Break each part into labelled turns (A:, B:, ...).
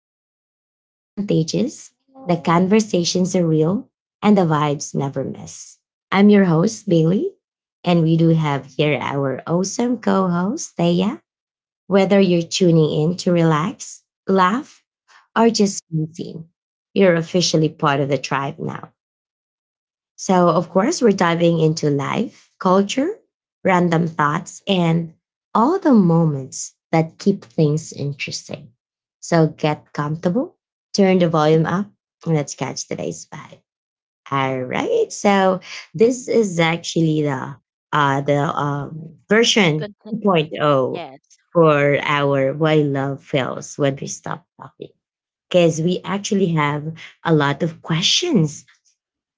A: where the energy is contagious, the conversations are real, and the vibes never miss. I'm your host, Bailey, and we do have here our awesome co host, Thea. Whether you're tuning in to relax, laugh, or just consume, you're officially part of the tribe now. So, of course, we're diving into life, culture, random thoughts, and all the moments that keep things interesting. So, get comfortable, turn the volume up, and let's catch today's vibe. All right. So, this is actually the version
B: Continue.
A: 2.0
B: Yes.
A: for our why love fails when we stop talking because we actually have a lot of questions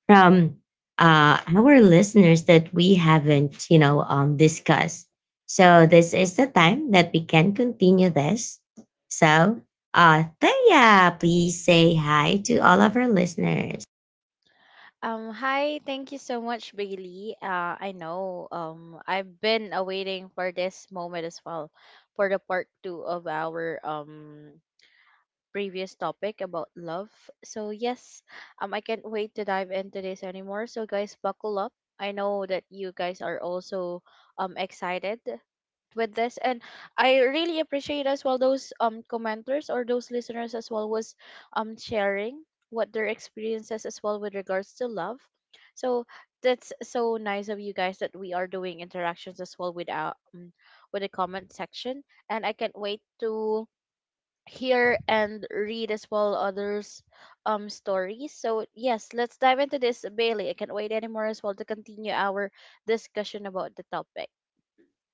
A: from our listeners that we haven't, discussed. So this is the time that we can continue this. So, Thea, please say hi to all of our listeners.
B: Hi, thank you so much, Bailey. I know, I've been awaiting for this moment as well for the part two of our previous topic about love. So, yes, I can't wait to dive into this anymore. So, guys, buckle up. I know that you guys are also excited with this, and I really appreciate as well those commenters or those listeners as well was sharing what their experiences as well with regards to love. So that's so nice of you guys that we are doing interactions as well with our with the comment section, and I can't wait to hear and read as well others stories. So yes, let's dive into this, Bailey. I can't wait anymore as well to continue our discussion about the topic.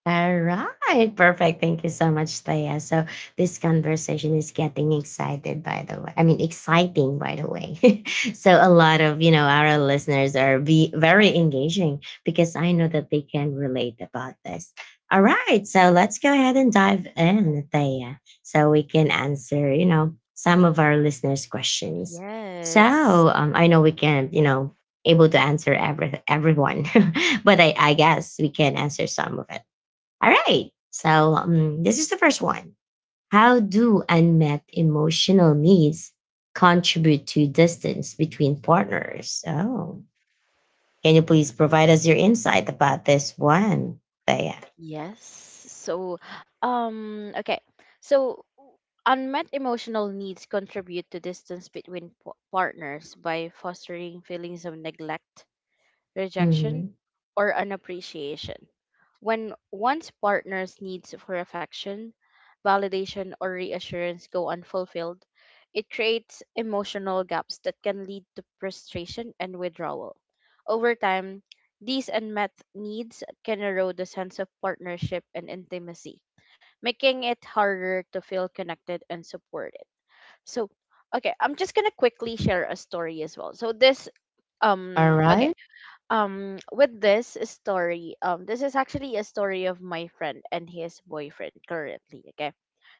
A: All right, perfect. Thank you so much, Thea. So this conversation is getting excited, by the way. I mean, exciting, by the way. So a lot of our listeners are be very engaging because I know that they can relate about this. All right, so let's go ahead and dive in, Thea, so we can answer some of our listeners' questions.
B: Yes.
A: So I know we can able to answer every everyone, but I guess we can answer some of it. All right. So this is the first one. How do unmet emotional needs contribute to distance between partners? Oh, can you please provide us your insight about this one? Thea?
B: Yes. So, okay. So, unmet emotional needs contribute to distance between partners by fostering feelings of neglect, rejection,
A: Mhm.
B: or unappreciation. When one's partner's needs for affection, validation, or reassurance go unfulfilled, it creates emotional gaps that can lead to frustration and withdrawal. Over time, these unmet needs can erode the sense of partnership and intimacy, making it harder to feel connected and supported. So, okay, I'm just gonna quickly share a story as well. So this,
A: All
B: um, okay
A: right.
B: with this story, this is actually a story of my friend and his boyfriend currently, okay?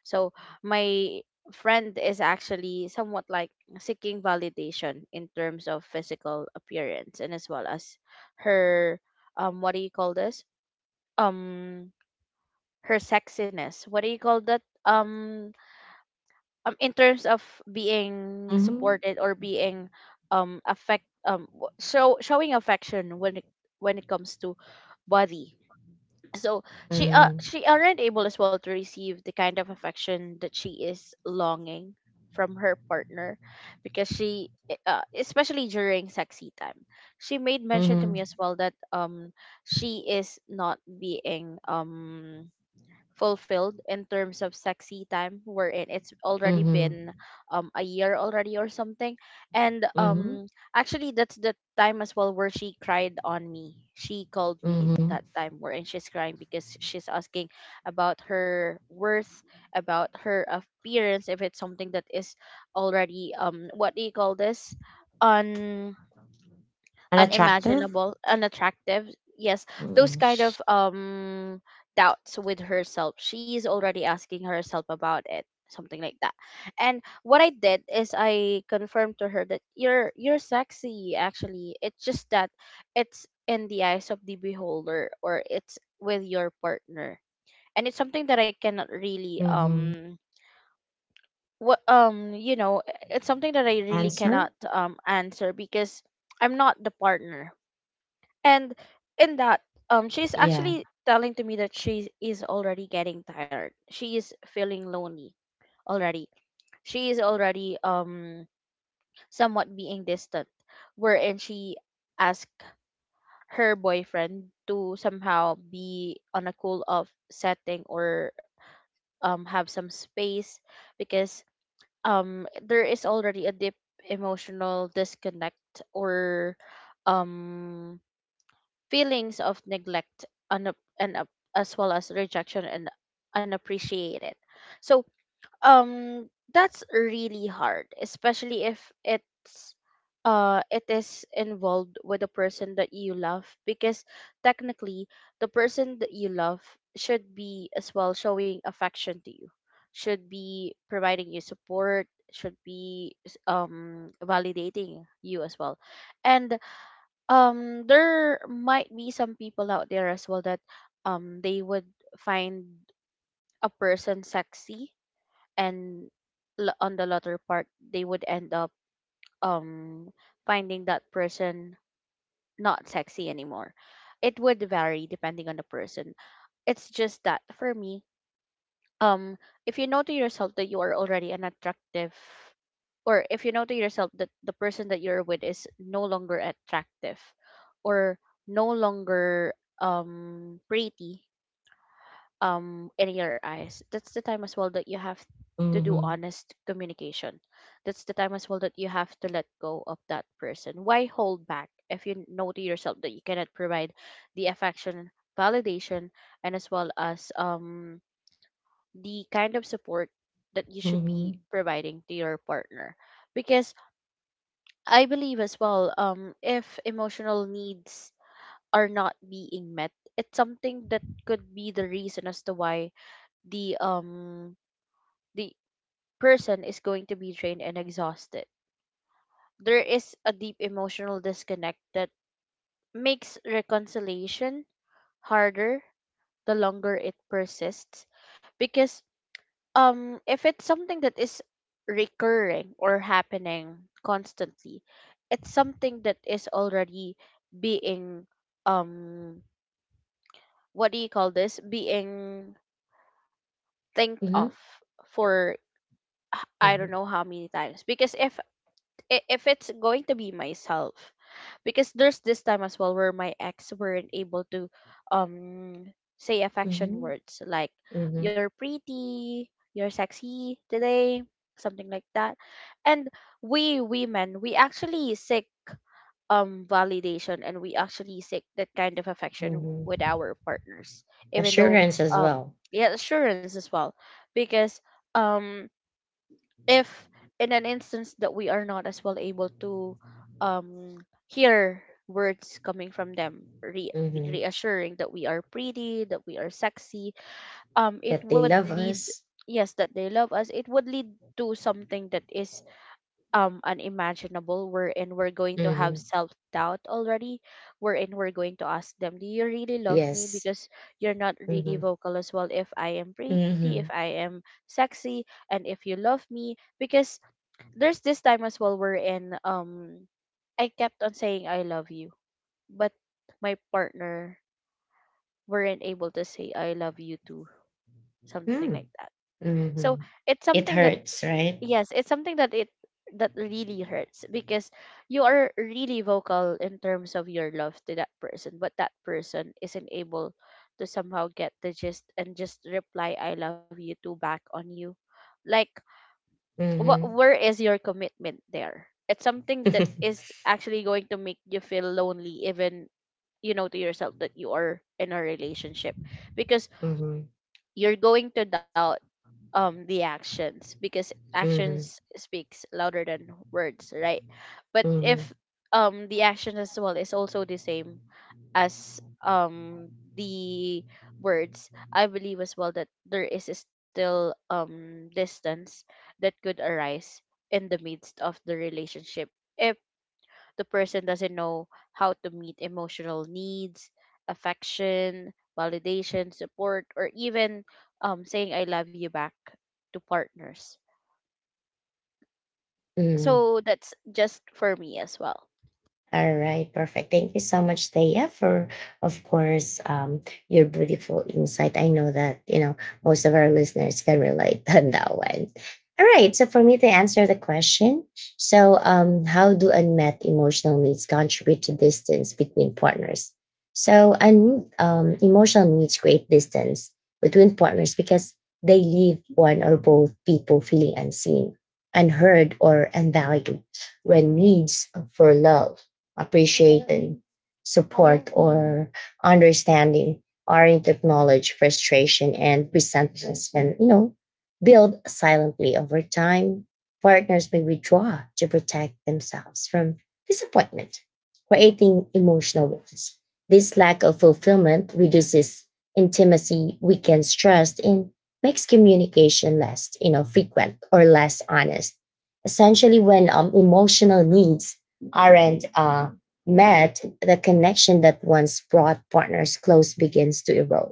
B: So my friend is actually somewhat like seeking validation in terms of physical appearance, and as well as her, what do you call this, um her sexiness, what do you call that, in terms of being
A: Mhm.
B: supported or being, affect w- show showing affection when it, when it comes to body. So she uh
A: Mm.
B: she aren't able as well to receive the kind of affection that she is longing from her partner, because she, especially during sexy time, she made mention to me
A: Mhm.
B: as well that, she is not being fulfilled in terms of sexy time, wherein it's already
A: Mhm.
B: been a year already or something. And
A: Mhm.
B: actually that's the time as well where she cried on me. She called me
A: Mhm.
B: that time wherein she's crying because she's asking about her worth, about her appearance, if it's something that is already, what do you call this, on
A: Unattractive.
B: unimaginable, unattractive. Yes, those
A: Mhm.
B: kind of doubts with herself. She is already asking herself about it, something like that. And what I did is I confirmed to her that you're sexy actually. It's just that it's in the eyes of the beholder, or it's with your partner. And it's something that I cannot really,
A: Mhm.
B: what you know it's something that I really
A: Answer.
B: cannot answer because I'm not the partner. And in that, she's
A: Yeah.
B: actually telling to me that she is already getting tired, she is feeling lonely already, she is already somewhat being distant, wherein she asked her boyfriend to somehow be on a cool off setting or have some space, because there is already a deep emotional disconnect, or um feelings of neglect, and as well as rejection and unappreciated. So that's really hard, especially if it is involved with the person that you love, because technically the person that you love should be as well showing affection to you, should be providing you support, should be validating you as well. And there might be some people out there as well that they would find a person sexy, and on the latter part they would end up um finding that person not sexy anymore. It would vary depending on the person. It's just that for me, um if you know to yourself that you are already an attractive, or if you know to yourself that the person that you're with is no longer attractive, or no longer pretty in your eyes, that's the time as well that you have to do
A: Mhm.
B: honest communication. That's the time as well that you have to let go of that person. Why hold back if you know to yourself that you cannot provide the affection, validation, and as well as the kind of support that you should be
A: Mhm.
B: providing to your partner? Because I believe as well, if emotional needs are not being met, it's something that could be the reason as to why the um the person is going to be drained and exhausted. There is a deep emotional disconnect that makes reconciliation harder the longer it persists, because if it's something that is recurring or happening constantly, it's something that is already being, um what do you call this, being think of
A: Mhm.
B: for, I don't
A: Mhm.
B: know how many times, because if it's going to be myself. Because there's this time as well where my ex weren't able to um say affection
A: Mhm,
B: words like,
A: mhm,
B: you're pretty, you're sexy today, something like that. And we women, we actually seek validation, and we actually seek that kind of affection
A: mhm.
B: with our partners, even though,
A: Assurance as
B: um
A: well.
B: yeah, assurance as well. Because um if in an instance that we are not as well able to um hear words coming from them,
A: Mhm.
B: reassuring that we are pretty, that we are sexy, it
A: That they
B: would
A: love
B: lead,
A: us.
B: yes, that they love us, it would lead to something that is unimaginable, wherein we're going to have
A: Mhm.
B: self doubt already, wherein we're going to ask them, do you really love me?
A: Yes.
B: Because you're not really
A: Mhm.
B: vocal as well if I am pretty, if
A: Mhm.
B: I am sexy, and if you love me. Because there's this time as well wherein I kept on saying I love you, but my partner weren't able to say I love you too, something like
A: Mm.
B: that. So
A: Mhm.
B: it's
A: It
B: something that,
A: hurts, right?
B: yes, it's something that it that really hurts, because you are really vocal in terms of your love to that person, but that person isn't able to somehow get the gist and just reply I love you too back on you. Like what
A: Mhm,
B: where is your commitment there? It's something that
A: mhm.
B: is actually going to make you feel lonely, even you know to yourself that you are in a relationship, because
A: Mhm.
B: you're going to doubt the actions, because
A: Mhm.
B: actions speaks louder than words, right? But
A: Mhm.
B: if the action as well is also the same as the words, I believe as well that there is still distance that could arise in the midst of the relationship if the person doesn't know how to meet emotional needs, affection, validation, support, or even saying I love you back to partners.
A: Mhm.
B: So that's just for me as well.
A: All right, perfect. Thank you so much, Taya, for, of course, your beautiful insight. I know that, most of our listeners can relate on that one. All right, so for me to answer the question, so how do unmet emotional needs contribute to distance between partners? So, emotional needs create distance between partners because they leave one or both people feeling unseen, unheard, or unvalued when needs for love appreciated support, or understanding are to acknowledge frustration and resentments and, build silently over time. Partners may withdraw to protect themselves from disappointment, creating emotional wounds. This lack of fulfillment reduces intimacy, weakens trust, and makes communication less, frequent or less honest essentially when emotional needs aren't met. The connection that once brought partners close begins to erode,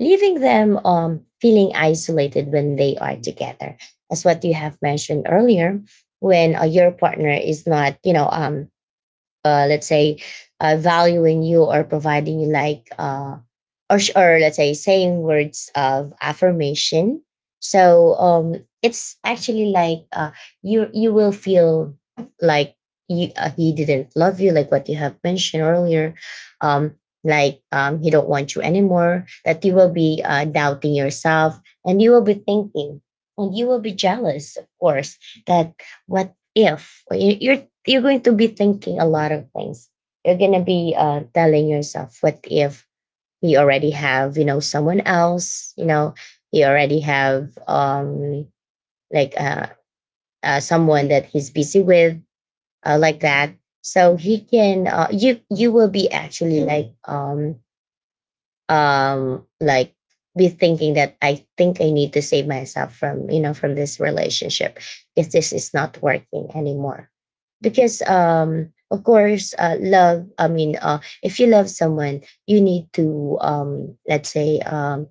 A: leaving them feeling isolated when they are together. That's what you have mentioned earlier. When your partner is not, let's say, valuing you or providing you like, or, or let's say, saying words of affirmation. So it's actually like you will feel like you, he didn't love you, like what you have mentioned earlier, um, like he don't want you anymore. That you will be doubting yourself, and you will be thinking, and you will be jealous, of course, that what if you're going to be thinking a lot of things. You're going to be telling yourself, what if you already have, someone else, you already have like someone that he's busy with, like that. So he can, you will be actually like be thinking that I think I need to save myself from, from this relationship because this is not working anymore, because of course love, if you love someone you need to, let's say,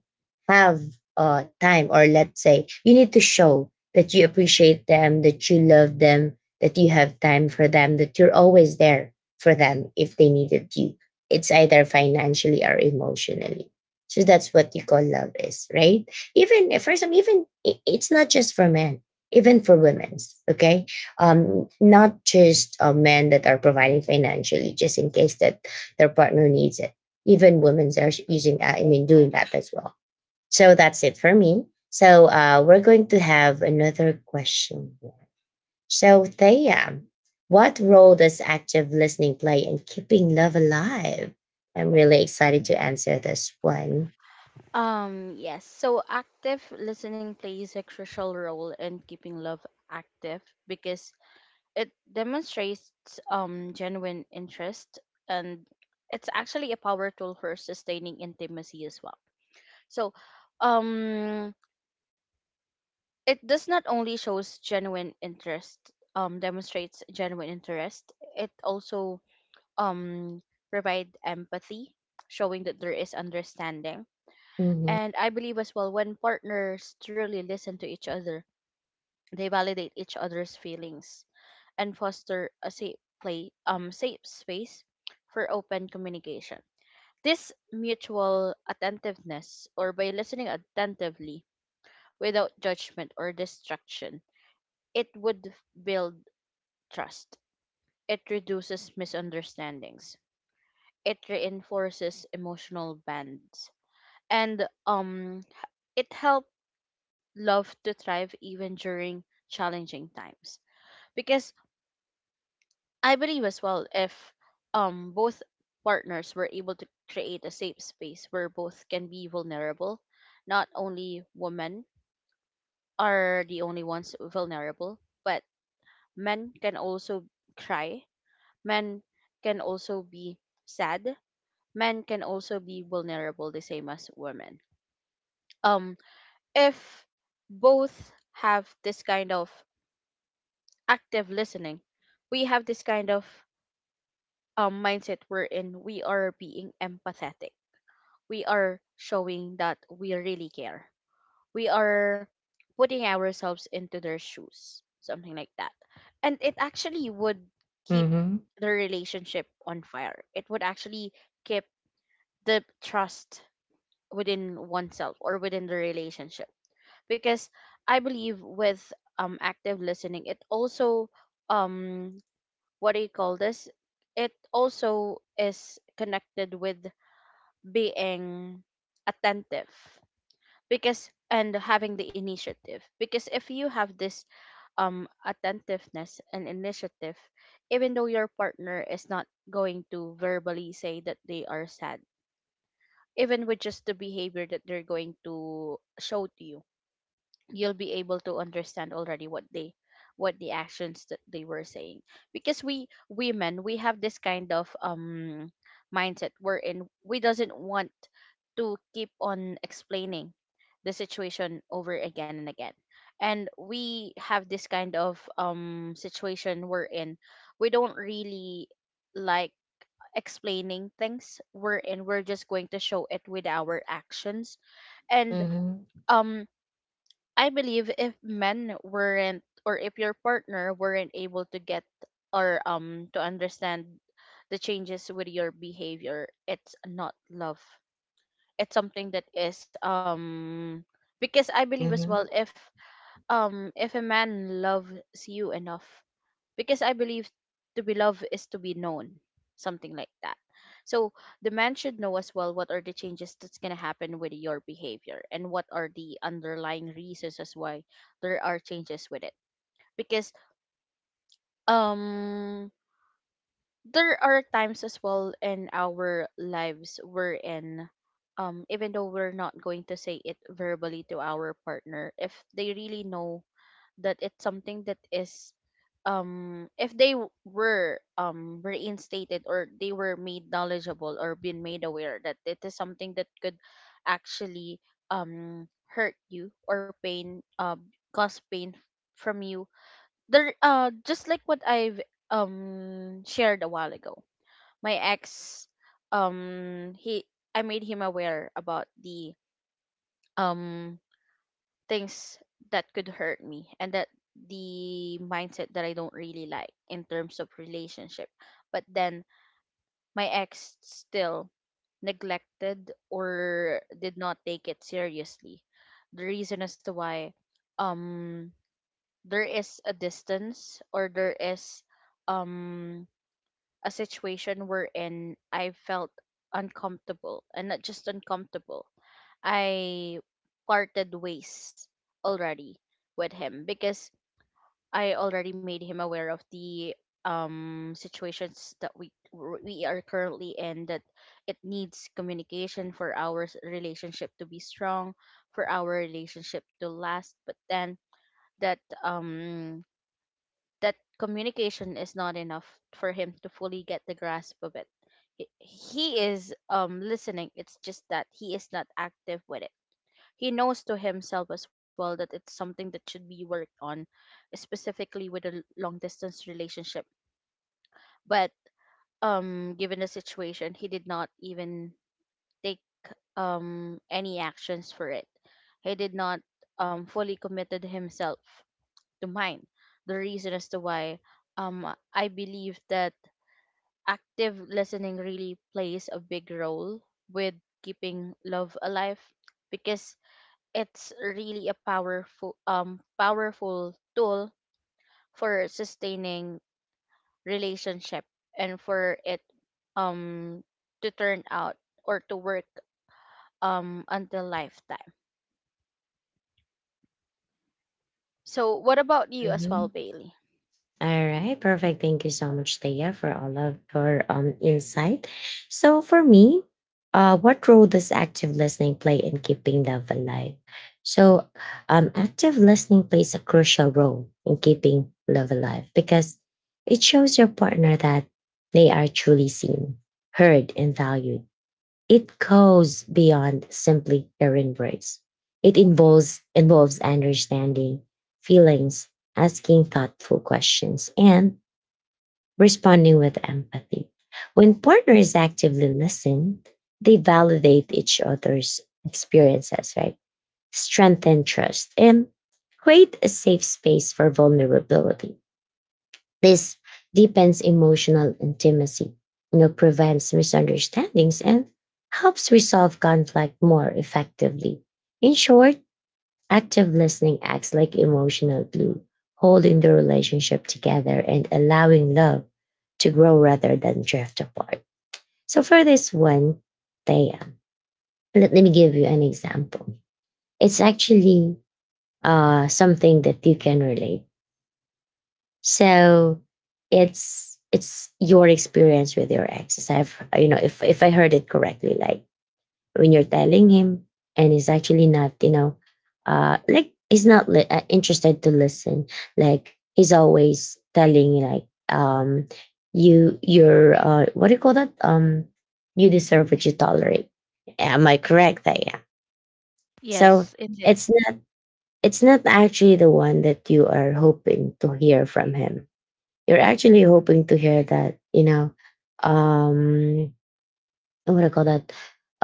A: have time, or let's say you need to show that you appreciate them, that you love them, that you have time for them, that you're always there for them if they needed you. It's either financially or emotionally. So that's what you call love, is right. Even for some, even it's not just for men, even for women's, okay? Not just men that are providing financially, just in case that their partner needs it. Even women are using that, I mean, doing that as well. So that's it for me. So we're going to have another question here. So Thea, what role does active listening play in keeping love alive? I'm really excited to answer this one.
B: Yes, so active listening plays a crucial role in keeping love active because it demonstrates genuine interest, and it's actually a power tool for sustaining intimacy as well. So, um it does not only shows genuine interest, demonstrates genuine interest, it also um provide empathy, showing that there is understanding.
A: Mm-hmm.
B: And I believe as well when partners truly listen to each other, they validate each other's feelings and foster a safe space for open communication. This mutual attentiveness, or by listening attentively without judgment or distraction, it would build trust. It reduces misunderstandings. It reinforces emotional bonds. And it helped love to thrive even during challenging times. Because I believe as well if both partners were able to create a safe space where both can be vulnerable, not only women are the only ones vulnerable, but men can also cry, men can also be sad, men can also be vulnerable the same as women. um if both have this kind of active listening, we have this kind of mindset wherein we are being empathetic, we are showing that we really care, we are putting ourselves into their shoes, something like that, and it actually would keep
A: Mm-hmm.
B: the relationship on fire. It would actually keep the trust within oneself or within the relationship. Because I believe with active listening, it also um what do you call this, it also is connected with being attentive, because and having the initiative, because if you have this attentiveness and initiative, even though your partner is not going to verbally say that they are sad, even with just the behavior that they're going to show to you, you'll be able to understand already what they, what the actions that they were saying. Because we women, we have this kind of mindset wherein we doesn't want to keep on explaining the situation over again and again. And we have this kind of situation we're in, we don't really like explaining things, wherein we're just going to show it with our actions. And
A: Mm-hmm.
B: um I believe if men weren't, or if your partner weren't able to get or to understand the changes with your behavior, it's not love. It's something that is um, because I believe as well if a man loves you enough, because I believe to be loved is to be known, something like that. So the man should know as well what are the changes that's gonna happen with your behavior and what are the underlying reasons as why there are changes with it. Because um there are times as well in our lives wherein even though we're not going to say it verbally to our partner, if they really know that it's something that is, if they were reinstated, or they were made knowledgeable or been made aware that it is something that could actually hurt you or cause pain from you, just like what I've shared a while ago, my ex he, I made him aware about the um things that could hurt me, and that the mindset that I don't really like in terms of relationship. But then my ex still neglected or did not take it seriously. The reason as to why um there is a distance, or there is um a situation wherein I felt uncomfortable, and not just uncomfortable. I parted ways already with him, because I already made him aware of the situations that we are currently in, that it needs communication for our relationship to be strong, for our relationship to last. But then that um that communication is not enough for him to fully get the grasp of it. He is listening. It's just that he is not active with it. He knows to himself as well that it's something that should be worked on, specifically with a long distance relationship. But given the situation, he did not even take any actions for it. He did not fully committed himself to mine. The reason as to why um I believe that active listening really plays a big role with keeping love alive, because it's really a powerful tool for sustaining relationship and for it um to turn out or to work until lifetime. So what about you as
A: Mm-hmm.
B: well, Bailey?
A: All right, perfect. Thank you so much, Thea, for all of your insight. So for me, what role does active listening play in keeping love alive? So, active listening plays a crucial role in keeping love alive because it shows your partner that they are truly seen, heard, and valued. It goes beyond simply errand breaks. It involves understanding feelings, asking thoughtful questions, and responding with empathy. When partners actively listen, they validate each other's experiences, right? Strengthen trust and create a safe space for vulnerability. This deepens emotional intimacy, prevents misunderstandings, and helps resolve conflict more effectively. In short, active listening acts like emotional glue, holding the relationship together and allowing love to grow rather than drift apart. So, for this one, Thea, let me give you an example. It's actually something that you can relate. So it's your experience with your ex. As I've, you know, if I heard it correctly, like when you're telling him and he's actually not, like he's not interested to listen. Like he's always telling you, like, you're what do you call that? You deserve what you tolerate. Am I correct? That, yeah. So
B: Indeed.
A: it's not it's not actually the one that you are hoping to hear from him. You're actually hoping to hear that, um, what do I call that?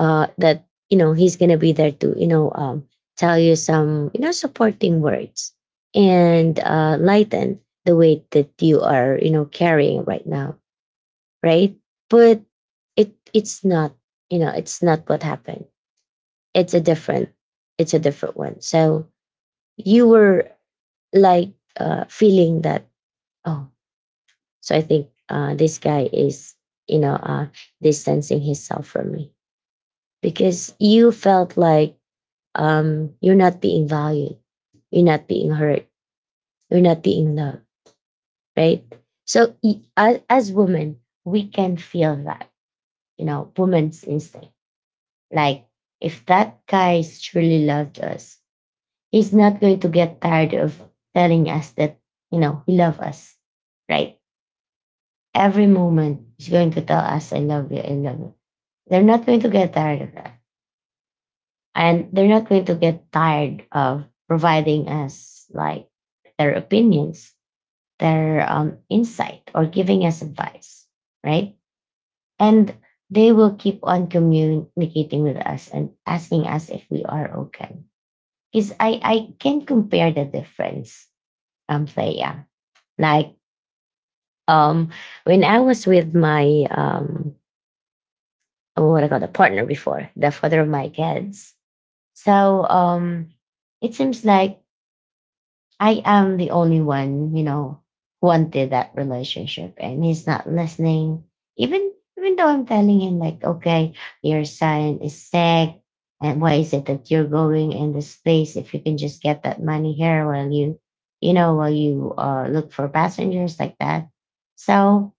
A: That, you know, he's going to be there to, tell you some, you know, supporting words and lighten the weight that you are, you know, carrying right now, right? But it's not, it's not what happened. It's a different, it's a different one. So you were like feeling that, oh. So I think this guy is, you know, uh, distancing himself from me because you felt like you're not being valued, you're not being heard, you're not being loved, right? So as, women, we can feel that, woman's instinct. Like if that guy truly loved us, he's not going to get tired of telling us that, he loves us, right? Every moment is going to tell us, I love you, I love you. They're not going to get tired of that. And they're not going to get tired of providing us like their opinions, their insight, or giving us advice, right? And they will keep on communicating with us and asking us if we are okay. Because I can compare the difference, Thea. Like um, when I was with my what I call the partner before, the father of my kids. So it seems like I am the only one, who wanted that relationship, and he's not listening. Even though I'm telling him like, okay, your son is sick, and why is it that you're going in this place if you can just get that money here while while you look for passengers, like that. So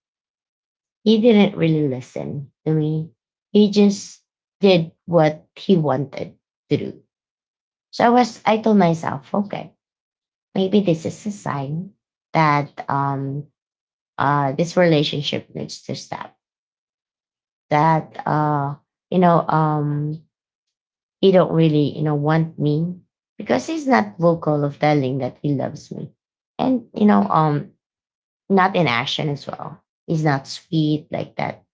A: he didn't really listen to me. He just did what he wanted to do. So I told myself, okay, maybe this is a sign that this relationship needs to stop. That you know, um, he don't really, want me because he's not vocal of telling that he loves me, and, not in action as well. He's not sweet like that.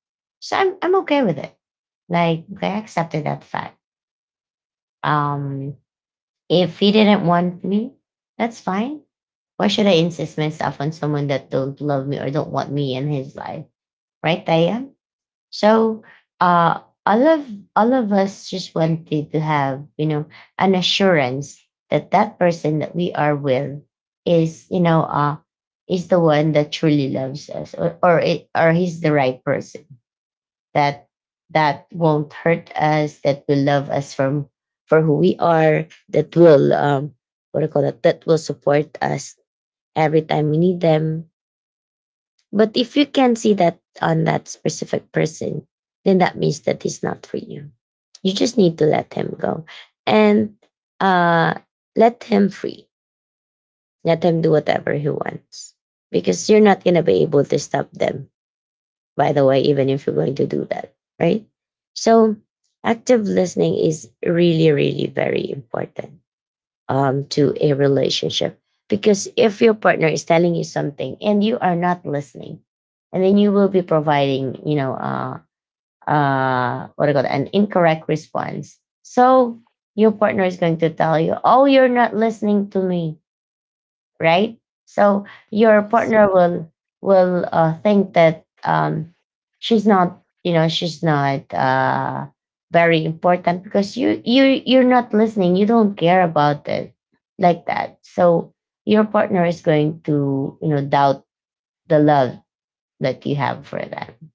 A: So I'm okay with it. Like I accepted that fact. Um, if he didn't want me, that's fine. Why should I insist myself on someone that don't love me or don't want me in his life? Right, Diane? So uh all of all of us just wanted to have, an assurance that that person that we are with, is, you know, uh is the one that truly loves us, or or it, or he's the right person that won't hurt us, that will love us from for who we are, that will, what do you call that, that will support us every time we need them. But if you can see that on that specific person, then that means that he's not for you. You just need to let him go. And uh let him free. Let him do whatever he wants. Because you're not gonna be able to stop them, by the way, even if you're going to do that, right? So, active listening is really, really very important to a relationship, because if your partner is telling you something and you are not listening, and then you will be providing, what do you call it, an incorrect response. So, your partner is going to tell you, "Oh, you're not listening to me," right? So your
B: Yes.
A: partner will think that she's not, she's not very important because you're not listening. You don't care about it like that. So your partner is going to, you know, doubt the love that you have for them.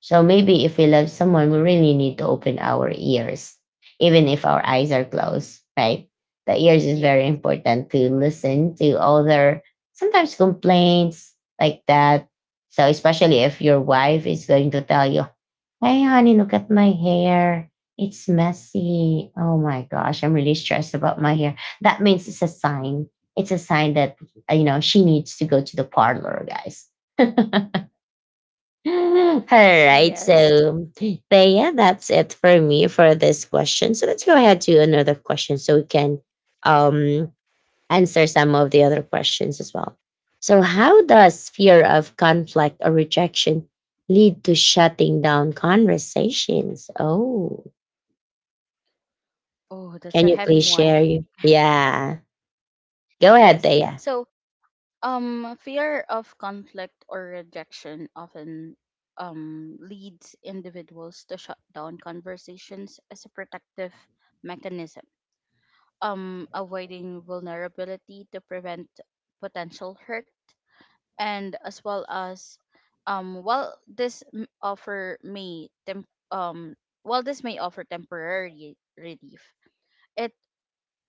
A: So maybe if we love someone, we really need to open our ears, even if our eyes are closed, right? The ears is very
B: Yeah.
A: important to listen to other sometimes complaints like that. So especially if your wife is going to tell you, "Hey, honey, look at my hair. It's messy. Oh my gosh, I'm really stressed about my hair." That means it's a sign. It's a sign that you know she needs to go to the parlor, guys. All right.
B: Yes.
A: So, but yeah, that's it for me for this question. So let's go ahead to another question so we can um, answer some of the other questions as well. So, how does fear of conflict or rejection lead to shutting down conversations? Oh,
B: Oh, that's
A: can
B: a
A: you
B: heavy
A: please
B: one.
A: share? Yeah. Go ahead,
B: Yes.
A: Thea.
B: So fear of conflict or rejection often leads individuals to shut down conversations as a protective mechanism, avoiding vulnerability to prevent potential hurt, and as well as while this m- offer may temp- while this may offer temporary relief, it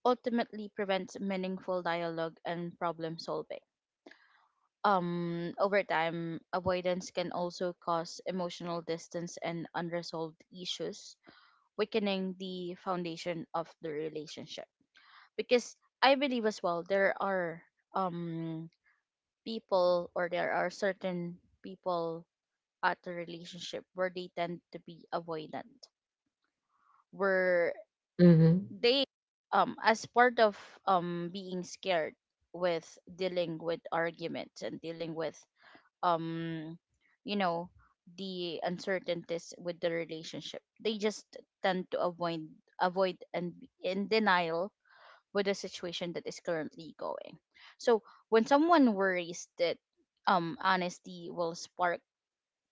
B: ultimately prevents meaningful dialogue and problem solving. Over time, avoidance can also cause emotional distance and unresolved issues, weakening the foundation of the relationship. Because I believe as well there are um people, or there are certain people at the relationship where they tend to be avoidant, where
A: Mm-hmm.
B: they as part of being scared with dealing with arguments and dealing with um you know, the uncertainties with the relationship, they just tend to avoid, avoid and be in denial with the situation that is currently going. So when someone worries that honesty will spark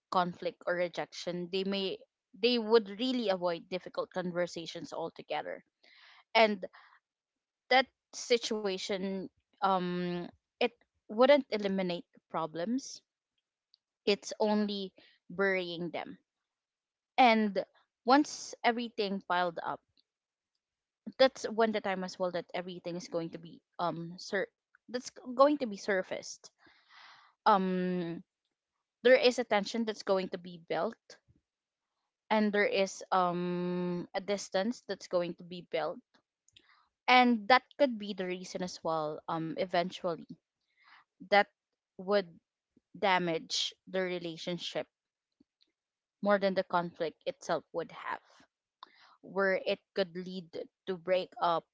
B: conflict or rejection, they would really avoid difficult conversations altogether. And that situation, um it wouldn't eliminate problems, it's only burying them. And once everything piled up, that's when the time as well that everything is going to be that's going to be surfaced. Um there is a tension that's going to be built, and there is a distance that's going to be built. And that could be the reason as well, um, eventually that would damage the relationship more than the conflict itself would have, where it could lead to break up,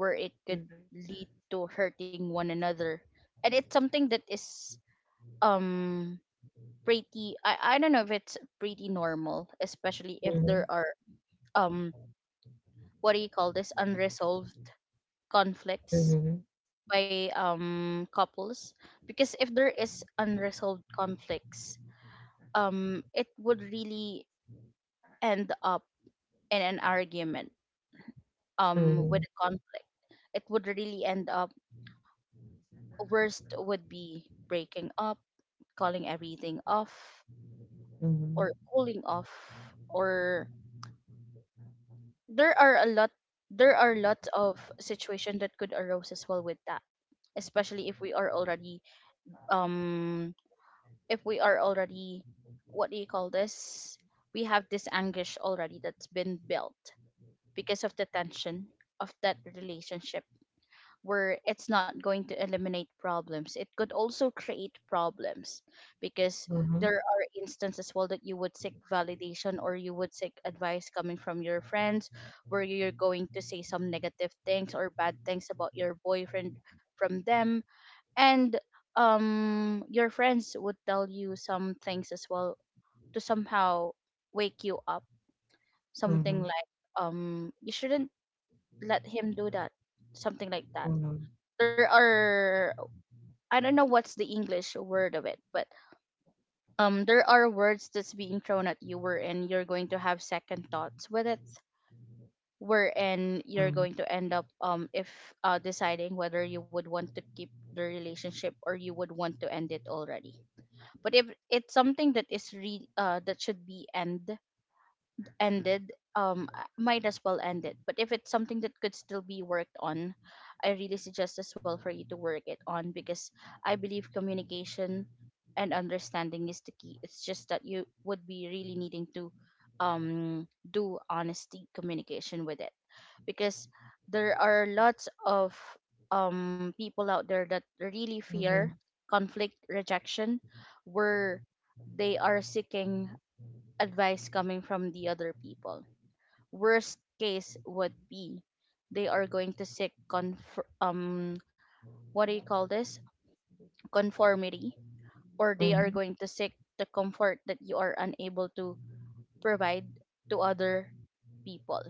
B: where it could lead to hurting one another. And it's something that is um pretty, I don't know if it's pretty normal, especially if
A: hmm
B: there are um what do you call this, unresolved conflicts
A: hmm
B: by couples. Because if there is unresolved conflicts, it would really end up in an argument with
A: hmm
B: a conflict, it would really end up, worst would be breaking up, calling everything off,
A: hmm
B: or cooling off, or there are a lot there are lots of situations that could arise as well with that. Especially if we are already um if we are already, what do you call this? We have this anguish already that's been built because of the tension of that relationship, where it's not going to eliminate problems. It could also create problems, because there are instances well that you would seek validation or you would seek advice coming from your friends, where you're going to say some negative things or bad things about your boyfriend from them. And your friends would tell you some things as well to somehow wake you up, something
A: hmm
B: like you shouldn't let him do that, something like that.
A: hmm
B: There are, I don't know what's the English word of it, but there are words that's being thrown at you wherein you're going to have second thoughts with it, wherein you're
A: Mm,
B: going to end up if deciding whether you would want to keep the relationship or you would want to end it already. But if it's something that is that should be ended, might as well end it. But if it's something that could still be worked on, I really suggest as well for you to work it on, because I believe communication and understanding is the key. It's just that you would be really needing to do honesty communication with it, because there are lots of people out there that really fear
A: mhm,
B: conflict rejection, where they are seeking advice coming from the other people. Worst case would be they are going to what do you call this, conformity, or they are
A: mhm,
B: going to seek the comfort that you are unable to provide to other people,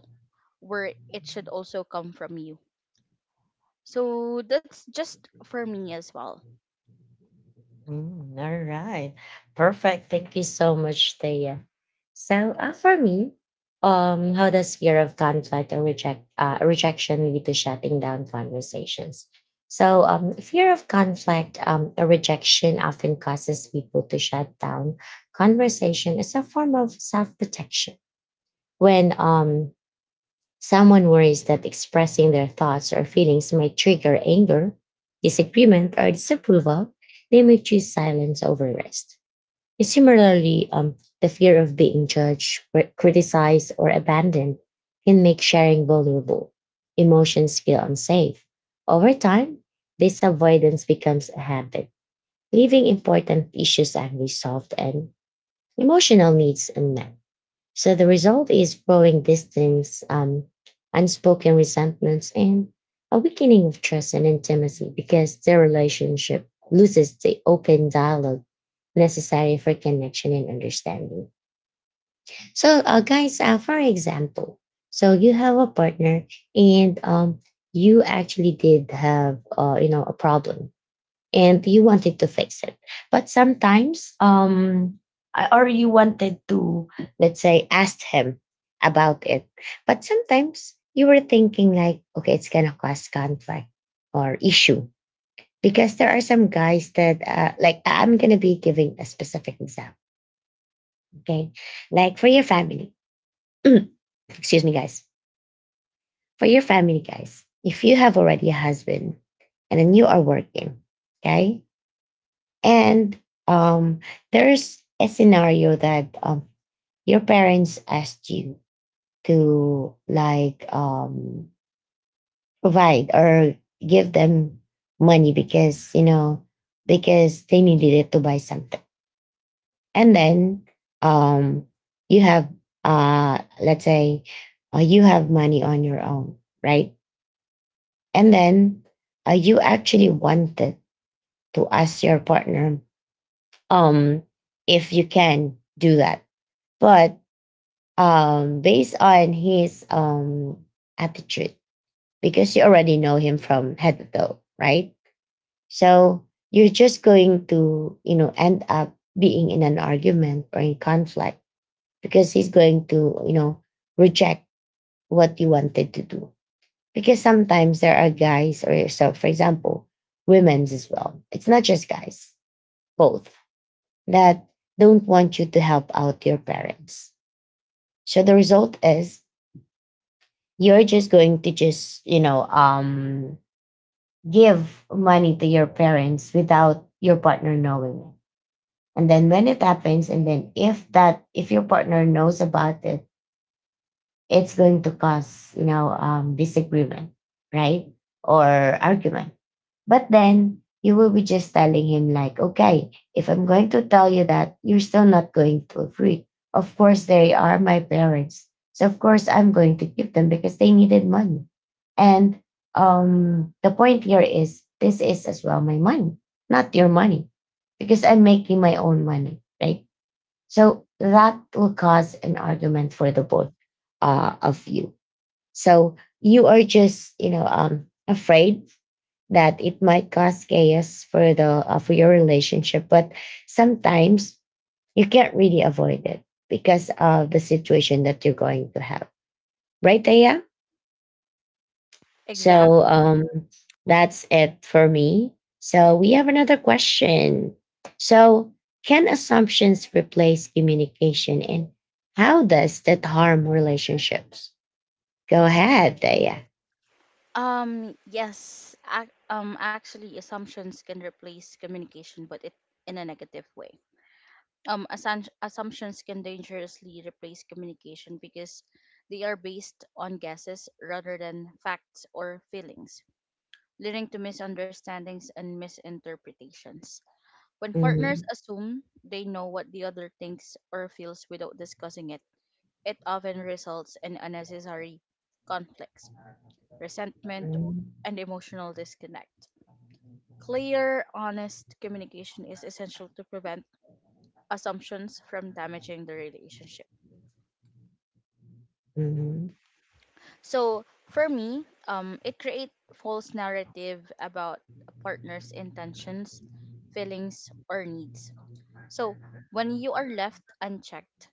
B: where it should also come from you. So that's just for me as well.
A: mm, all right. Perfect. Thank you so much, Thea. So, for me, how does fear of conflict or rejection lead to shutting down conversations? So, fear of conflict or rejection often causes people to shut down conversation as a form of self protection. When someone worries that expressing their thoughts or feelings might trigger anger, disagreement, or disapproval, they may choose silence over rest. And similarly, the fear of being judged, criticized, or abandoned can make sharing vulnerable. Emotions feel unsafe. Over time, this avoidance becomes a habit, leaving important issues unresolved and emotional needs unmet. So the result is growing distance, unspoken resentments, and a weakening of trust and intimacy, because the relationship loses the open dialogue necessary for connection and understanding. So, guys, for example, so you have a partner and you actually did have, you know, a problem and you wanted to fix it. But sometimes, or you wanted to, let's say, ask him about it. But sometimes you were thinking like, okay, it's gonna cause conflict or issue, because there are some guys that, like, I'm gonna be giving a specific example. Okay, like for your family. Excuse me, guys. For your family, guys, if you have already a husband and then you are working, okay, and um, there's a scenario that your parents asked you to like provide or give them money, because you know, because they needed it to buy something, and then um, you have let's say you have money on your own, right? And then you actually wanted to ask your partner um, if you can do that. But based on his attitude, because you already know him from head to toe, right? So you're just going to, you know, end up being in an argument or in conflict, because he's going to, you know, reject what you wanted to do. Because sometimes there are guys, or, so for example, women's as well. It's not just guys, both, that don't want you to help out your parents. So the result is you're just going to just, you know, um, give money to your parents without your partner knowing it. And then when it happens, and then if that, if your partner knows about it, it's going to cause, you know, disagreement, right? Or argument. But then you will be just telling him, like, okay, if I'm going to tell you that, you're still not going to agree. Of course, they are my parents. So, of course, I'm going to give them because they needed money. And the point here is this is as well my money, not your money, because I'm making my own money, right? So that will cause an argument for the both of you. So you are just, you know, afraid that it might cause chaos for the for your relationship. But sometimes you can't really avoid it because of the situation that you're going to have, right, Taya? So
B: Exactly.
A: that's it for me. So we have another question. So can assumptions replace communication, and how does that harm relationships? Go ahead, Daya.
B: Yes, actually assumptions can replace communication, but it in a negative way. Assumptions can dangerously replace communication because they are based on guesses rather than facts or feelings, leading to misunderstandings and misinterpretations. When partners
A: Mhm,
B: assume they know what the other thinks or feels without discussing it, it often results in unnecessary conflicts, resentment,
A: mhm,
B: and emotional disconnect. Clear, honest communication is essential to prevent assumptions from damaging the relationship.
A: mhm,
B: So for me, it creates false narrative about a partner's intentions, feelings, or needs. So when you are left unchecked,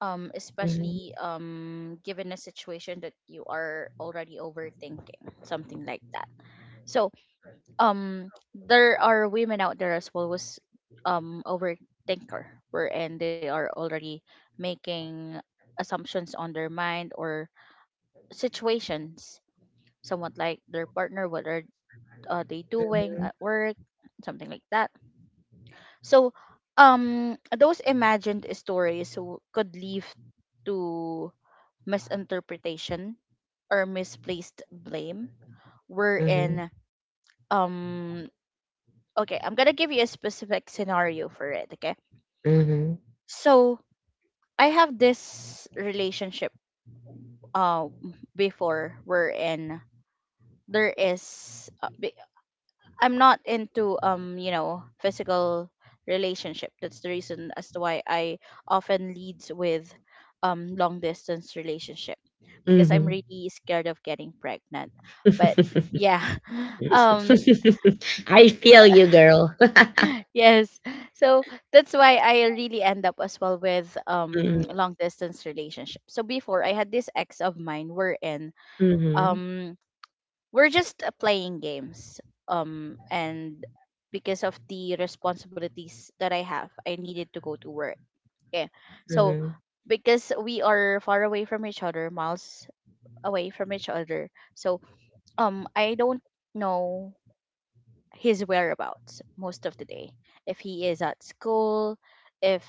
A: mhm,
B: especially given a situation that you are already overthinking, something like that. So there are women out there as well was overthinker, wherein they are already making assumptions on their mind or situations, somewhat like their partner, what are they doing at work, something like that. So those imagined stories could lead to misinterpretation or misplaced blame,
A: mhm,
B: wherein um, okay, I'm gonna give you a specific scenario for it. Okay,
A: mhm, mhm,
B: so I have this relationship uh, before, wherein there is uh, be- I'm not into you know, physical relationship. That's the reason as to why I often leads with long distance relationship, because I'm really scared of getting pregnant. But yeah. Um
A: I feel you, girl.
B: yes. So that's why I really end up as well with
A: Mhm,
B: long distance relationship. So before I had this ex of mine, we're in
A: mhm,
B: um we're just playing games and because of the responsibilities that I have, I needed to go to work, yeah. So
A: mhm,
B: because we are far away from each other, miles away from each other, so I don't know his whereabouts most of the day. If he is at school, if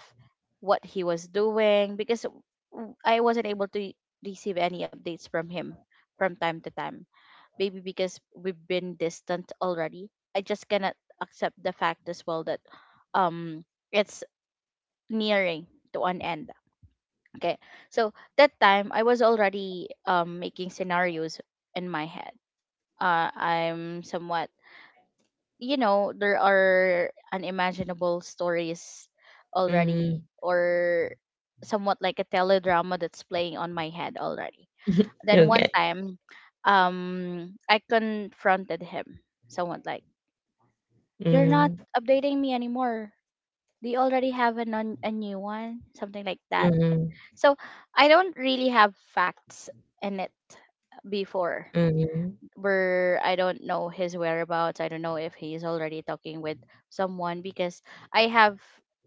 B: what he was doing, because I wasn't able to receive any updates from him from time to time. Maybe because we've been distant already. I just cannot accept the fact as well that um it's nearing to an end. Okay. So that time I was already making scenarios in my head. I'm somewhat, you know, there are unimaginable stories already,
A: mhm.
B: or somewhat like a teledrama that's playing on my head already. Then
A: are
B: one
A: good.
B: time I confronted him, somewhat like, you're not
A: Mhm,
B: updating me anymore, do you already have a, a new one, something like that.
A: mhm,
B: So I don't really have facts in it before,
A: mhm,
B: where I don't know his whereabouts. I don't know if he's already talking with someone, because I have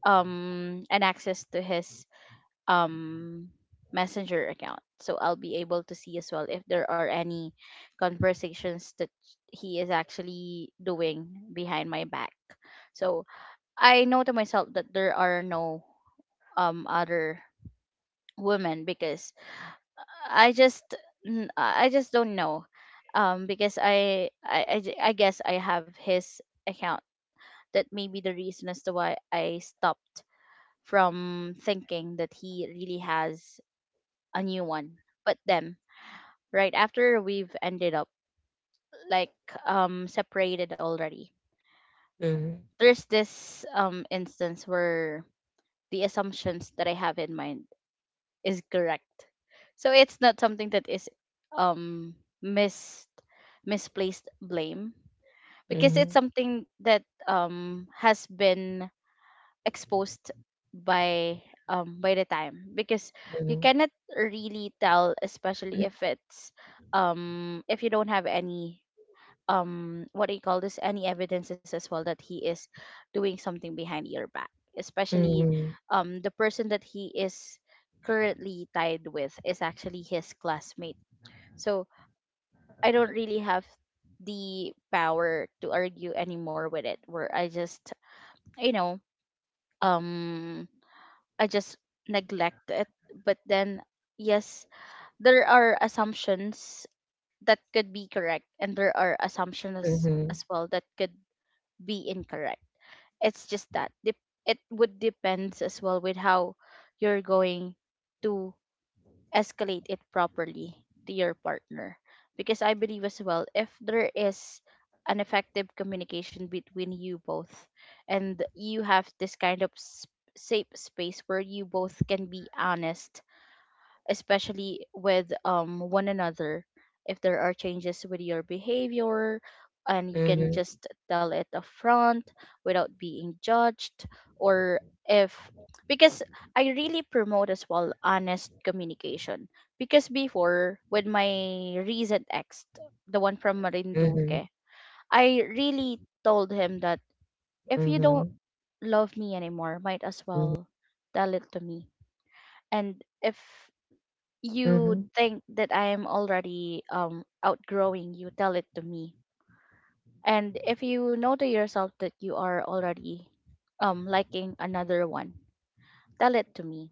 B: an access to his um messenger account. So I'll be able to see as well if there are any conversations that he is actually doing behind my back. So I know to myself that there are no other women because I just I just don't know, because I guess I have his account. That may be the reason as to why I stopped from thinking that he really has a new one. But then, right after we've ended up like separated already,
A: mhm,
B: there's this instance where the assumptions that I have in mind is correct. So it's not something that is um mis misplaced blame because it's
A: mhm.
B: something that has been exposed by by the time, because you
A: Mhm.
B: cannot really tell, especially if it's if you don't have any what do you call this any evidences as well that he is doing something behind your back, especially
A: Mhm.
B: the person that he is currently tied with is actually his classmate. So I don't really have the power to argue anymore with it, where I just you know um I just neglect it. But then, yes, there are assumptions that could be correct and there are assumptions
A: Mhm.
B: as well that could be incorrect. It's just that dep- it would depends as well with how you're going to escalate it properly to your partner. Because I believe as well, if there is an effective communication between you both, and you have this kind of s safe space where you both can be honest, especially with one another, if there are changes with your behavior, and you can
A: Mhm.
B: just tell it upfront without being judged. Or if, because I really promote as well honest communication, because before with my recent ex, the one from
A: Mhm.
B: Marinduque, I really told him that if you don't
A: Mhm.
B: love me anymore, might as
A: Mhm.
B: well tell it to me. And if you
A: Mhm.
B: think that I'm already outgrowing you, tell it to me. And if you know to yourself that you are already liking another one, tell it to me.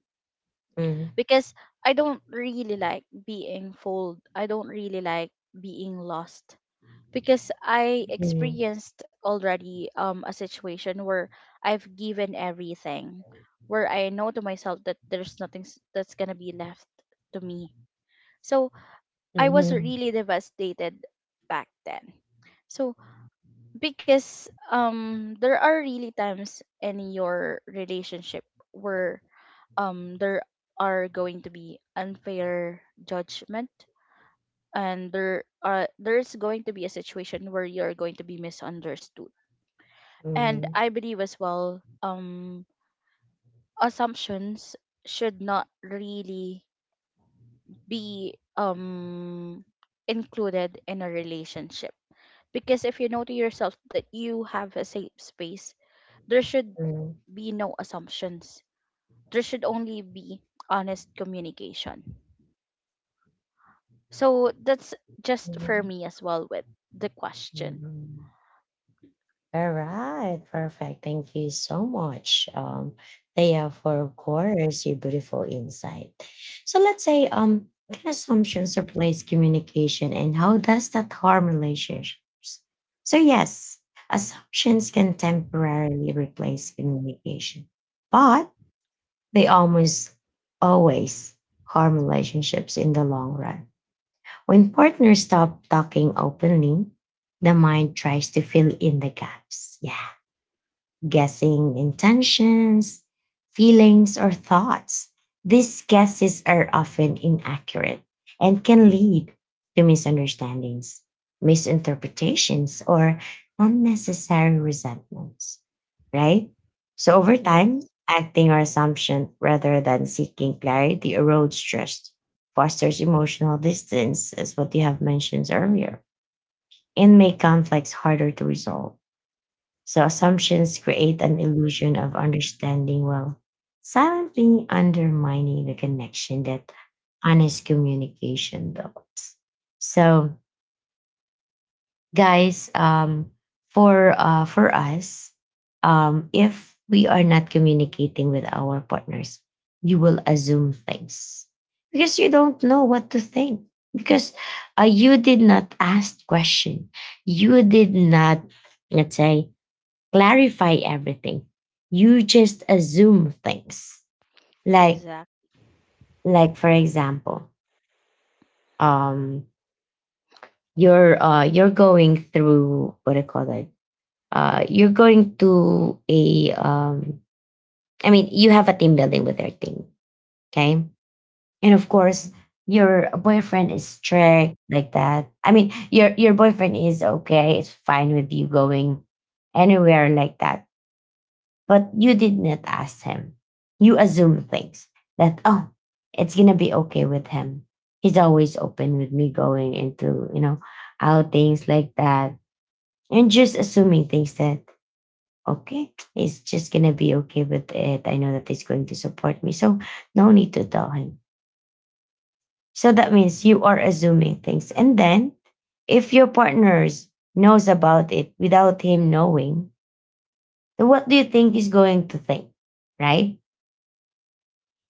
A: Mhm.
B: Because I don't really like being fooled. I don't really like being lost. Because I
A: Mhm.
B: experienced already a situation where I've given everything, where I know to myself that there's nothing s- that's gonna be left to me. So
A: Mhm.
B: I was
A: Mhm.
B: really devastated back then. So because there are really times in your relationship where there are going to be unfair judgment, and there's going to be a situation where you're going to be misunderstood. And
A: Mhm.
B: I believe as well, assumptions should not really be included in a relationship. Because if you know to yourself that you have a safe space, there should be no assumptions. There should only be honest communication. So that's just for
A: Mhm.
B: me as well with the question.
A: Mhm. All right, perfect. Thank you so much, Thea, for of course your beautiful insight. So let's say, what assumptions replace communication, and how does that harm relationships? So yes, assumptions can temporarily replace communication, but they almost always harm relationships in the long run. When partners stop talking openly, the mind tries to fill in the gaps. Yeah. Guessing intentions, feelings, or thoughts. These guesses are often inaccurate and can lead to misunderstandings, misinterpretations, or unnecessary resentments, right? So over
B: Yes,
A: time, acting on assumption rather than seeking clarity erodes trust, fosters emotional distance, as what you have mentioned earlier, and make conflicts harder to resolve. So assumptions create an illusion of understanding while silently undermining the connection that honest communication builds. So guys, um, for us um, if we are not communicating with our partners, you will assume things because you don't know what to think, because you did not ask question, you did not, let's say, clarify everything, you just assume things, like
B: exactly.
A: like for example, um you're going through, what do you call that, you're going to a um, you have a team building with their team, okay, and of course your boyfriend is strict like that, I mean your boyfriend is okay, it's fine with you going anywhere like that, but you did not ask him, you assume things that, oh, it's gonna be okay with him, he's always open with me going into, you know, outings like that, and just assuming things that, okay, he's just gonna be okay with it. I know that he's going to support me. So no need to tell him. So that means you are assuming things. And then if your partners knows about it without him knowing, then what do you think he's going to think? Right?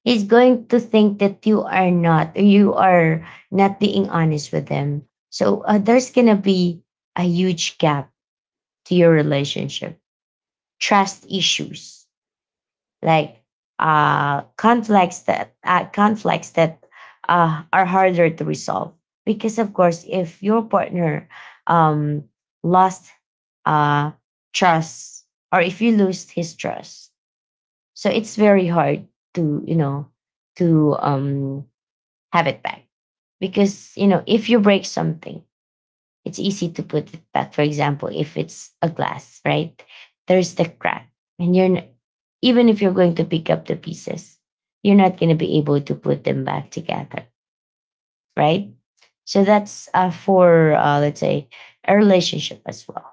A: He's going to think that you are not being honest with them. So there's gonna be a huge gap to your relationship, trust issues, like, conflicts that are harder to resolve. Because of course, if your partner um, lost uh, trust, or if you lose his trust, so it's very hard to, you know, to have it back. Because you know, if you break something, it's easy to put it back. For example, if it's a glass, right? There's the crack, and even if you're going to pick up the pieces, you're not going to be able to put them back together, right? So that's for let's say a relationship as well.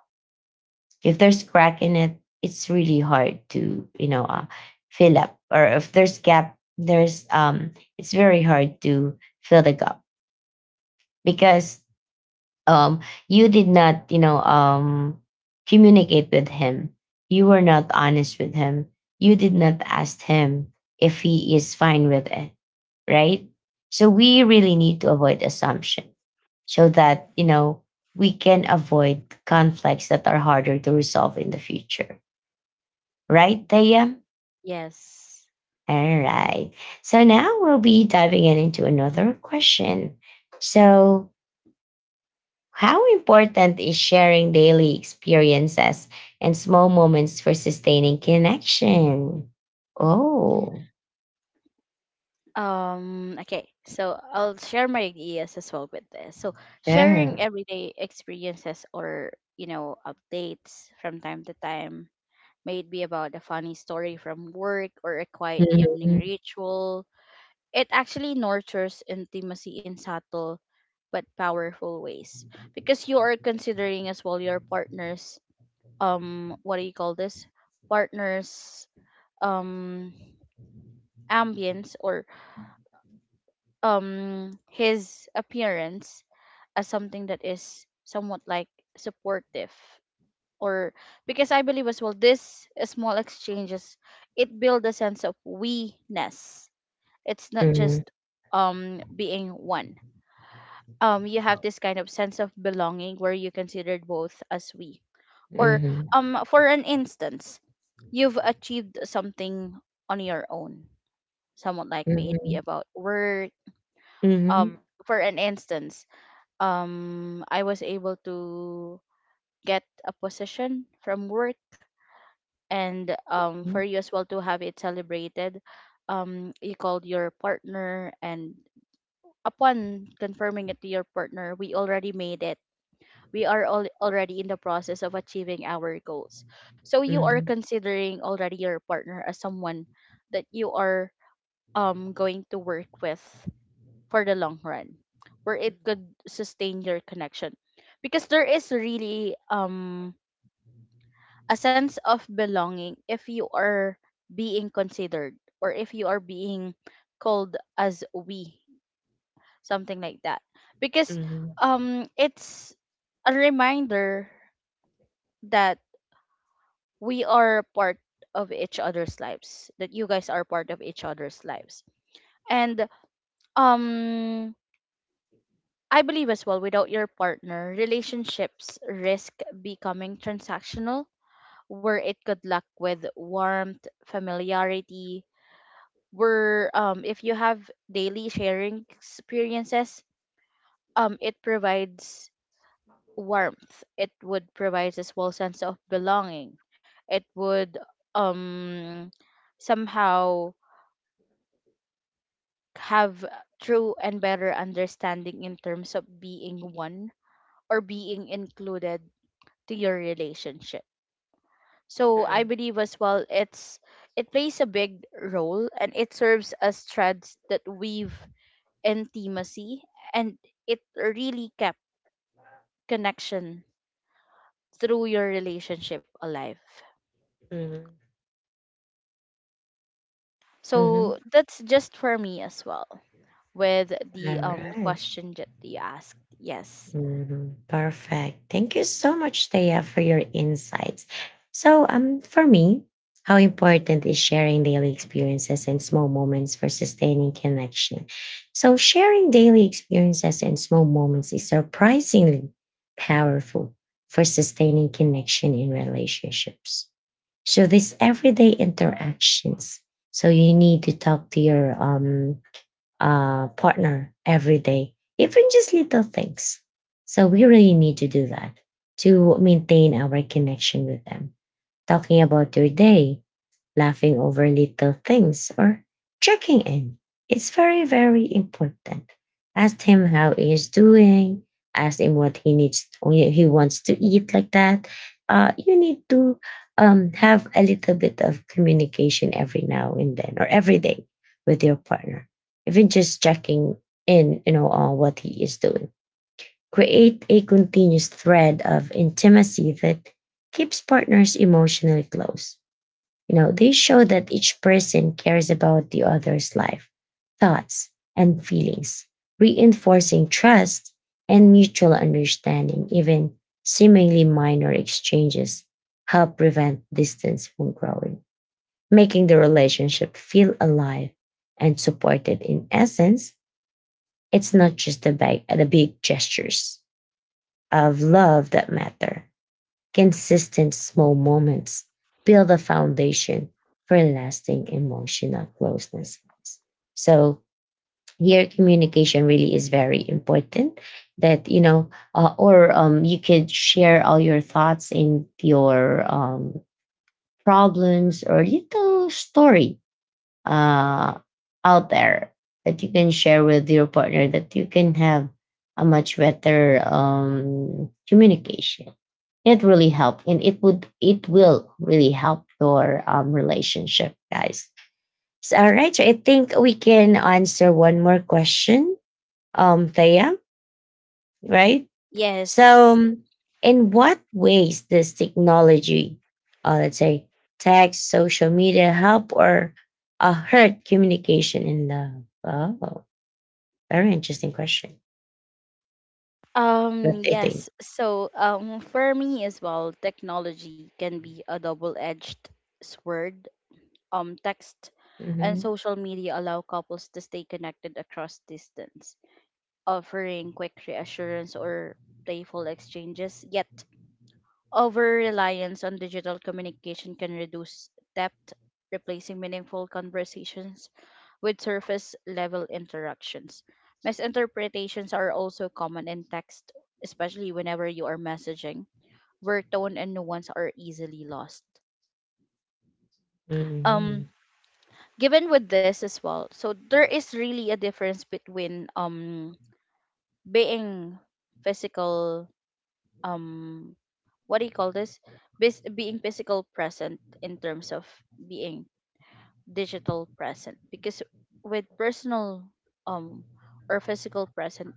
A: If there's crack in it, it's really hard to, you know, fill up, or if there's gap, there's it's very hard to fill the gap, because um you did not, you know, um, communicate with him, you were not honest with him, you did not ask him if he is fine with it, right? So we really need to avoid assumption, so that, you know, we can avoid conflicts that are harder to resolve in the future, right, Thea?
B: Yes.
A: All right, so now we'll be diving in into another question. So, how important is sharing daily experiences and small moments for sustaining connection? Oh,
B: Okay, so I'll share my ideas as well with this. So
A: yeah.
B: sharing everyday experiences or, updates from time to time, may it be about a funny story from work or a quiet evening ritual. It actually nurtures intimacy in subtle but powerful ways, because you are considering as well your partner's what do you call this partner's um ambience, or his appearance as something that is somewhat like supportive. Or, because I believe as well this small exchanges, it build a sense of we-ness. It's not
A: Mhm,
B: just being one. You have this kind of sense of belonging where you considered both as we. Or
A: mhm,
B: for an instance, you've achieved something on your own. Somewhat like may it be
A: mhm,
B: about work.
A: mhm,
B: Um for an instance, I was able to get a position from work, and for you as well to have it celebrated, you called your partner, and upon confirming it to your partner, we already made it, already in the process of achieving our goals. So you are
A: mhm,
B: considering already your partner as someone that you are going to work with for the long run, where it could sustain your connection. Because there is really a sense of belonging if you are being considered, or if you are being called as we, something like that. Because
A: mhm,
B: it's a reminder that we are part of each other's lives, that you guys are part of each other's lives. And um I believe as well, without your partner, relationships risk becoming transactional, where it could lack with warmth, familiarity. Where if you have daily sharing experiences, it provides warmth, it would provide a small sense of belonging. It would um somehow have true and better understanding in terms of being one, or being included to your relationship. So I
A: mhm,
B: believe as well, it's it plays a big role, and it serves as threads that weave intimacy, and it really kept connection through your relationship alive.
A: mhm, mhm.
B: So that's just for me as well with
A: All
B: the
A: right.
B: question that you asked. Yes.
A: Mhm. Perfect. Thank you so much, Thea, for your insights. So, for me, how important is sharing daily experiences and small moments for sustaining connection? So, sharing daily experiences and small moments is surprisingly powerful for sustaining connection in relationships. So, these everyday interactions. So, you need to talk to your partner every day, even just little things. So we really need to do that to maintain our connection with them. Talking about your day, laughing over little things, or checking in. It's very, very important. Ask him how he is doing. Ask him what he needs, he wants to eat, like that. You need to have a little bit of communication every now and then, or every day, with your partner. Even just checking in, on what he is doing. Create a continuous thread of intimacy that keeps partners emotionally close, you know, they show that each person cares about the other's life, thoughts, and feelings, reinforcing trust and mutual understanding. Even seemingly minor exchanges help prevent distance from growing, making the relationship feel alive and supported. In essence, it's not just the big gestures of love that matter. Consistent small moments build a foundation for lasting emotional closeness. So here, communication really is very important. That you know, or you could share all your thoughts and your problems or little story uh, out there that you can share with your partner. That you can have a much better communication. It really helped and it will really help your relationship, guys. So, all right. So I think we can answer one more question, Thea, right? So,
B: Yes.
A: in what ways does technology, let's say text, social media, help or hurt communication in love? Oh, very interesting question. What do you think?
B: Yes. So for me as well, technology can be a double-edged sword. Text and
A: Mm-hmm.
B: social media allow couples to stay connected across distance, offering quick reassurance or playful exchanges. Yet, over reliance on digital communication can reduce depth, replacing meaningful conversations with surface level interactions. Misinterpretations are also common in text, especially whenever you are messaging, where tone and nuance are easily lost.
A: Mm-hmm.
B: Um, given with this as well, so there is really a difference between being physical, um what do you call this Bas- being physical present in terms of being digital present. Because with personal um or physical present,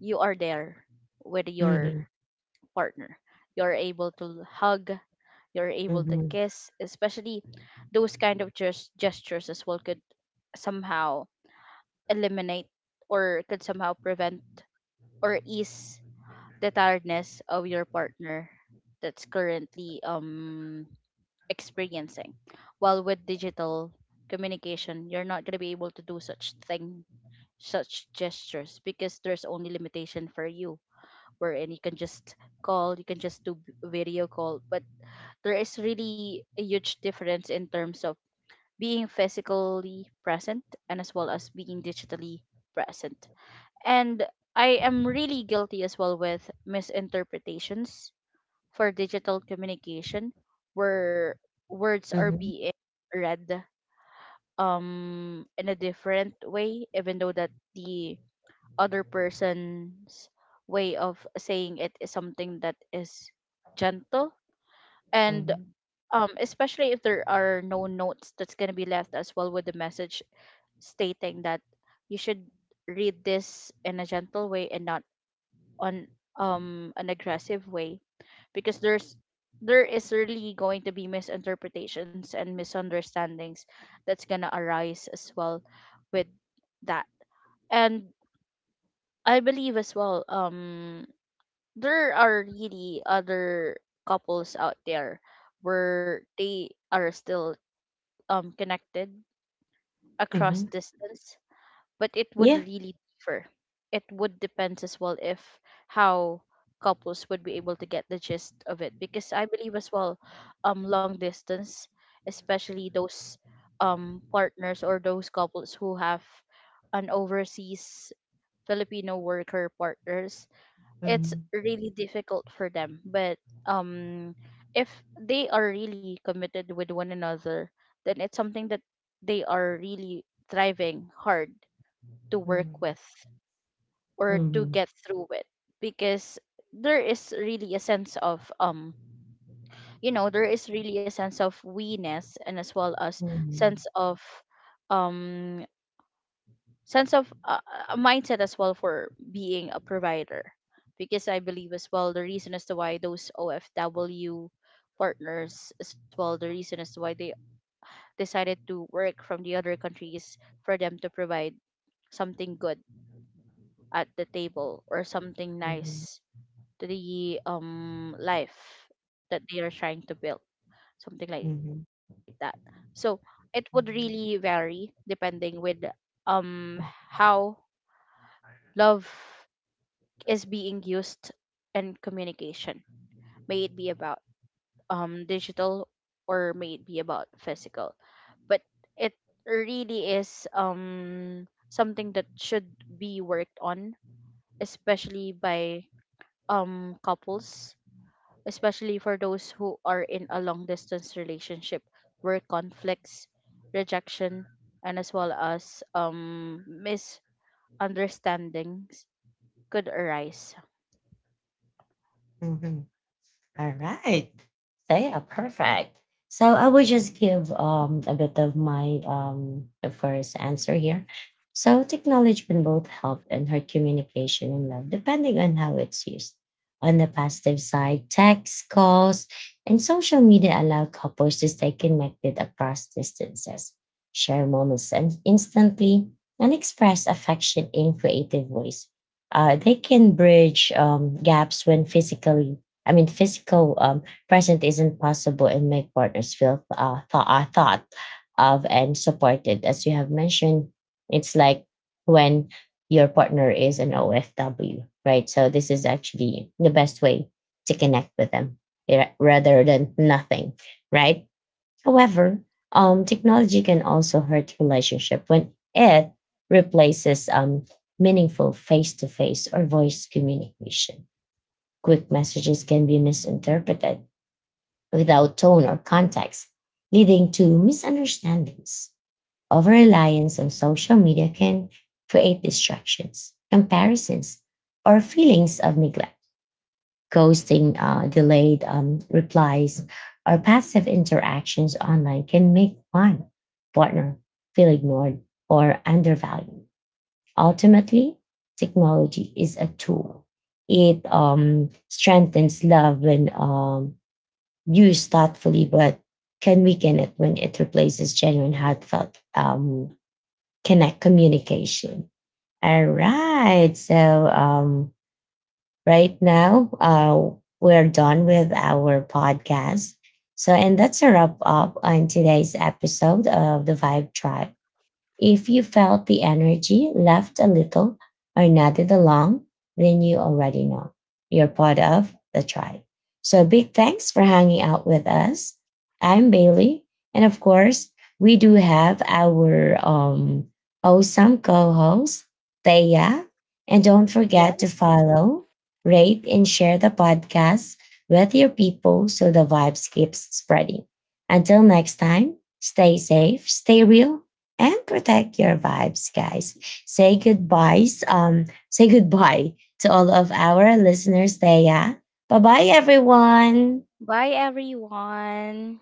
B: you are there with your
A: Mm-hmm.
B: partner, you're able to hug, you're able to
A: Mm-hmm.
B: kiss, especially those kind of gestures as well could somehow eliminate, or could somehow prevent or ease the tiredness of your partner that's currently experiencing. While with digital communication, you're not going to be able to do such thing, such gestures, because there's only limitation for you, wherein you can just call, you can just do video call. But there is really a huge difference in terms of being physically present and as well as being digitally present. And I am really guilty as well with misinterpretations for digital communication, where words are
A: Mm-hmm.
B: being read in a different way, even though that the other person's way of saying it is something that is gentle and
A: Mm-hmm.
B: especially if there are no notes that's going to be left as well with the message, stating that you should read this in a gentle way and not on an aggressive way. Because there is really going to be misinterpretations and misunderstandings that's gonna arise as well with that. And I believe as well, there are really other couples out there where they are still connected across
A: Mm-hmm.
B: distance, but it would
A: Yeah.
B: really differ. It would depend as well if how couples would be able to get the gist of it. Because I believe as well, long distance, especially those partners, or those couples who have an overseas Filipino worker partners, it's really difficult for them. But um if they are really committed with one another, then it's something that they are really thriving hard to work
A: 嗯
B: with, or
A: 嗯
B: to
A: 嗯
B: get through it, because there is really a sense of there is really a sense of we-ness, and as well as
A: 嗯
B: sense of um sense of a mindset as well for being a provider. Because I believe as well, the reason as to why those OFW partners, as well, the reason as to why they decided to work from the other countries, for them to provide something good at the table, or something
A: 嗯嗯
B: nice to the life that they are trying to build, something like that.
A: 嗯
B: So it would really
A: 嗯
B: vary depending with um how love is being used in communication, may it be about digital, or may it be about physical. But it really is something that should be worked on, especially by couples, especially for those who are in a long distance relationship, where conflicts, rejection, and as well as misunderstandings could arise.
A: 嗯嗯。All right. So yeah, perfect. So I will just give a bit of my first answer here. So technology can both help and hurt communication and love, depending on how it's used. On the positive side, text, calls, and social media allow couples to stay connected across distances, share moments and instantly, and express affection in creative ways. They can bridge gaps when physical present isn't possible and make partners feel thought of and supported. As you have mentioned, it's like when your partner is an OFW, right? So this is actually the best way to connect with them, rather than nothing, right? However, technology can also hurt relationship when it replaces meaningful face-to-face or voice communication. Quick messages can be misinterpreted without tone or context, leading to misunderstandings. Over reliance on social media can create distractions, comparisons, or feelings of neglect. Ghosting, delayed replies, or passive interactions online can make one partner feel ignored or undervalued. Ultimately, technology is a tool. It strengthens love when used thoughtfully, but can weaken it when it replaces genuine, heartfelt connect communication. All right. So um, right now, we're done with our podcast. So, and that's a wrap up on today's episode of the Vibe Tribe. If you felt the energy left a little or nodded along, then you already know you're part of the tribe. So big thanks for hanging out with us. I'm Bailey. And of course, we do have our awesome co host, Thea. And don't forget
B: Yes.
A: to follow, rate, and share the podcast with your people so the vibes keeps spreading. Until next time, stay safe, stay real, and protect your vibes, guys. Say goodbyes. Say goodbye to all of our listeners there. Bye bye, everyone.
B: Bye, everyone.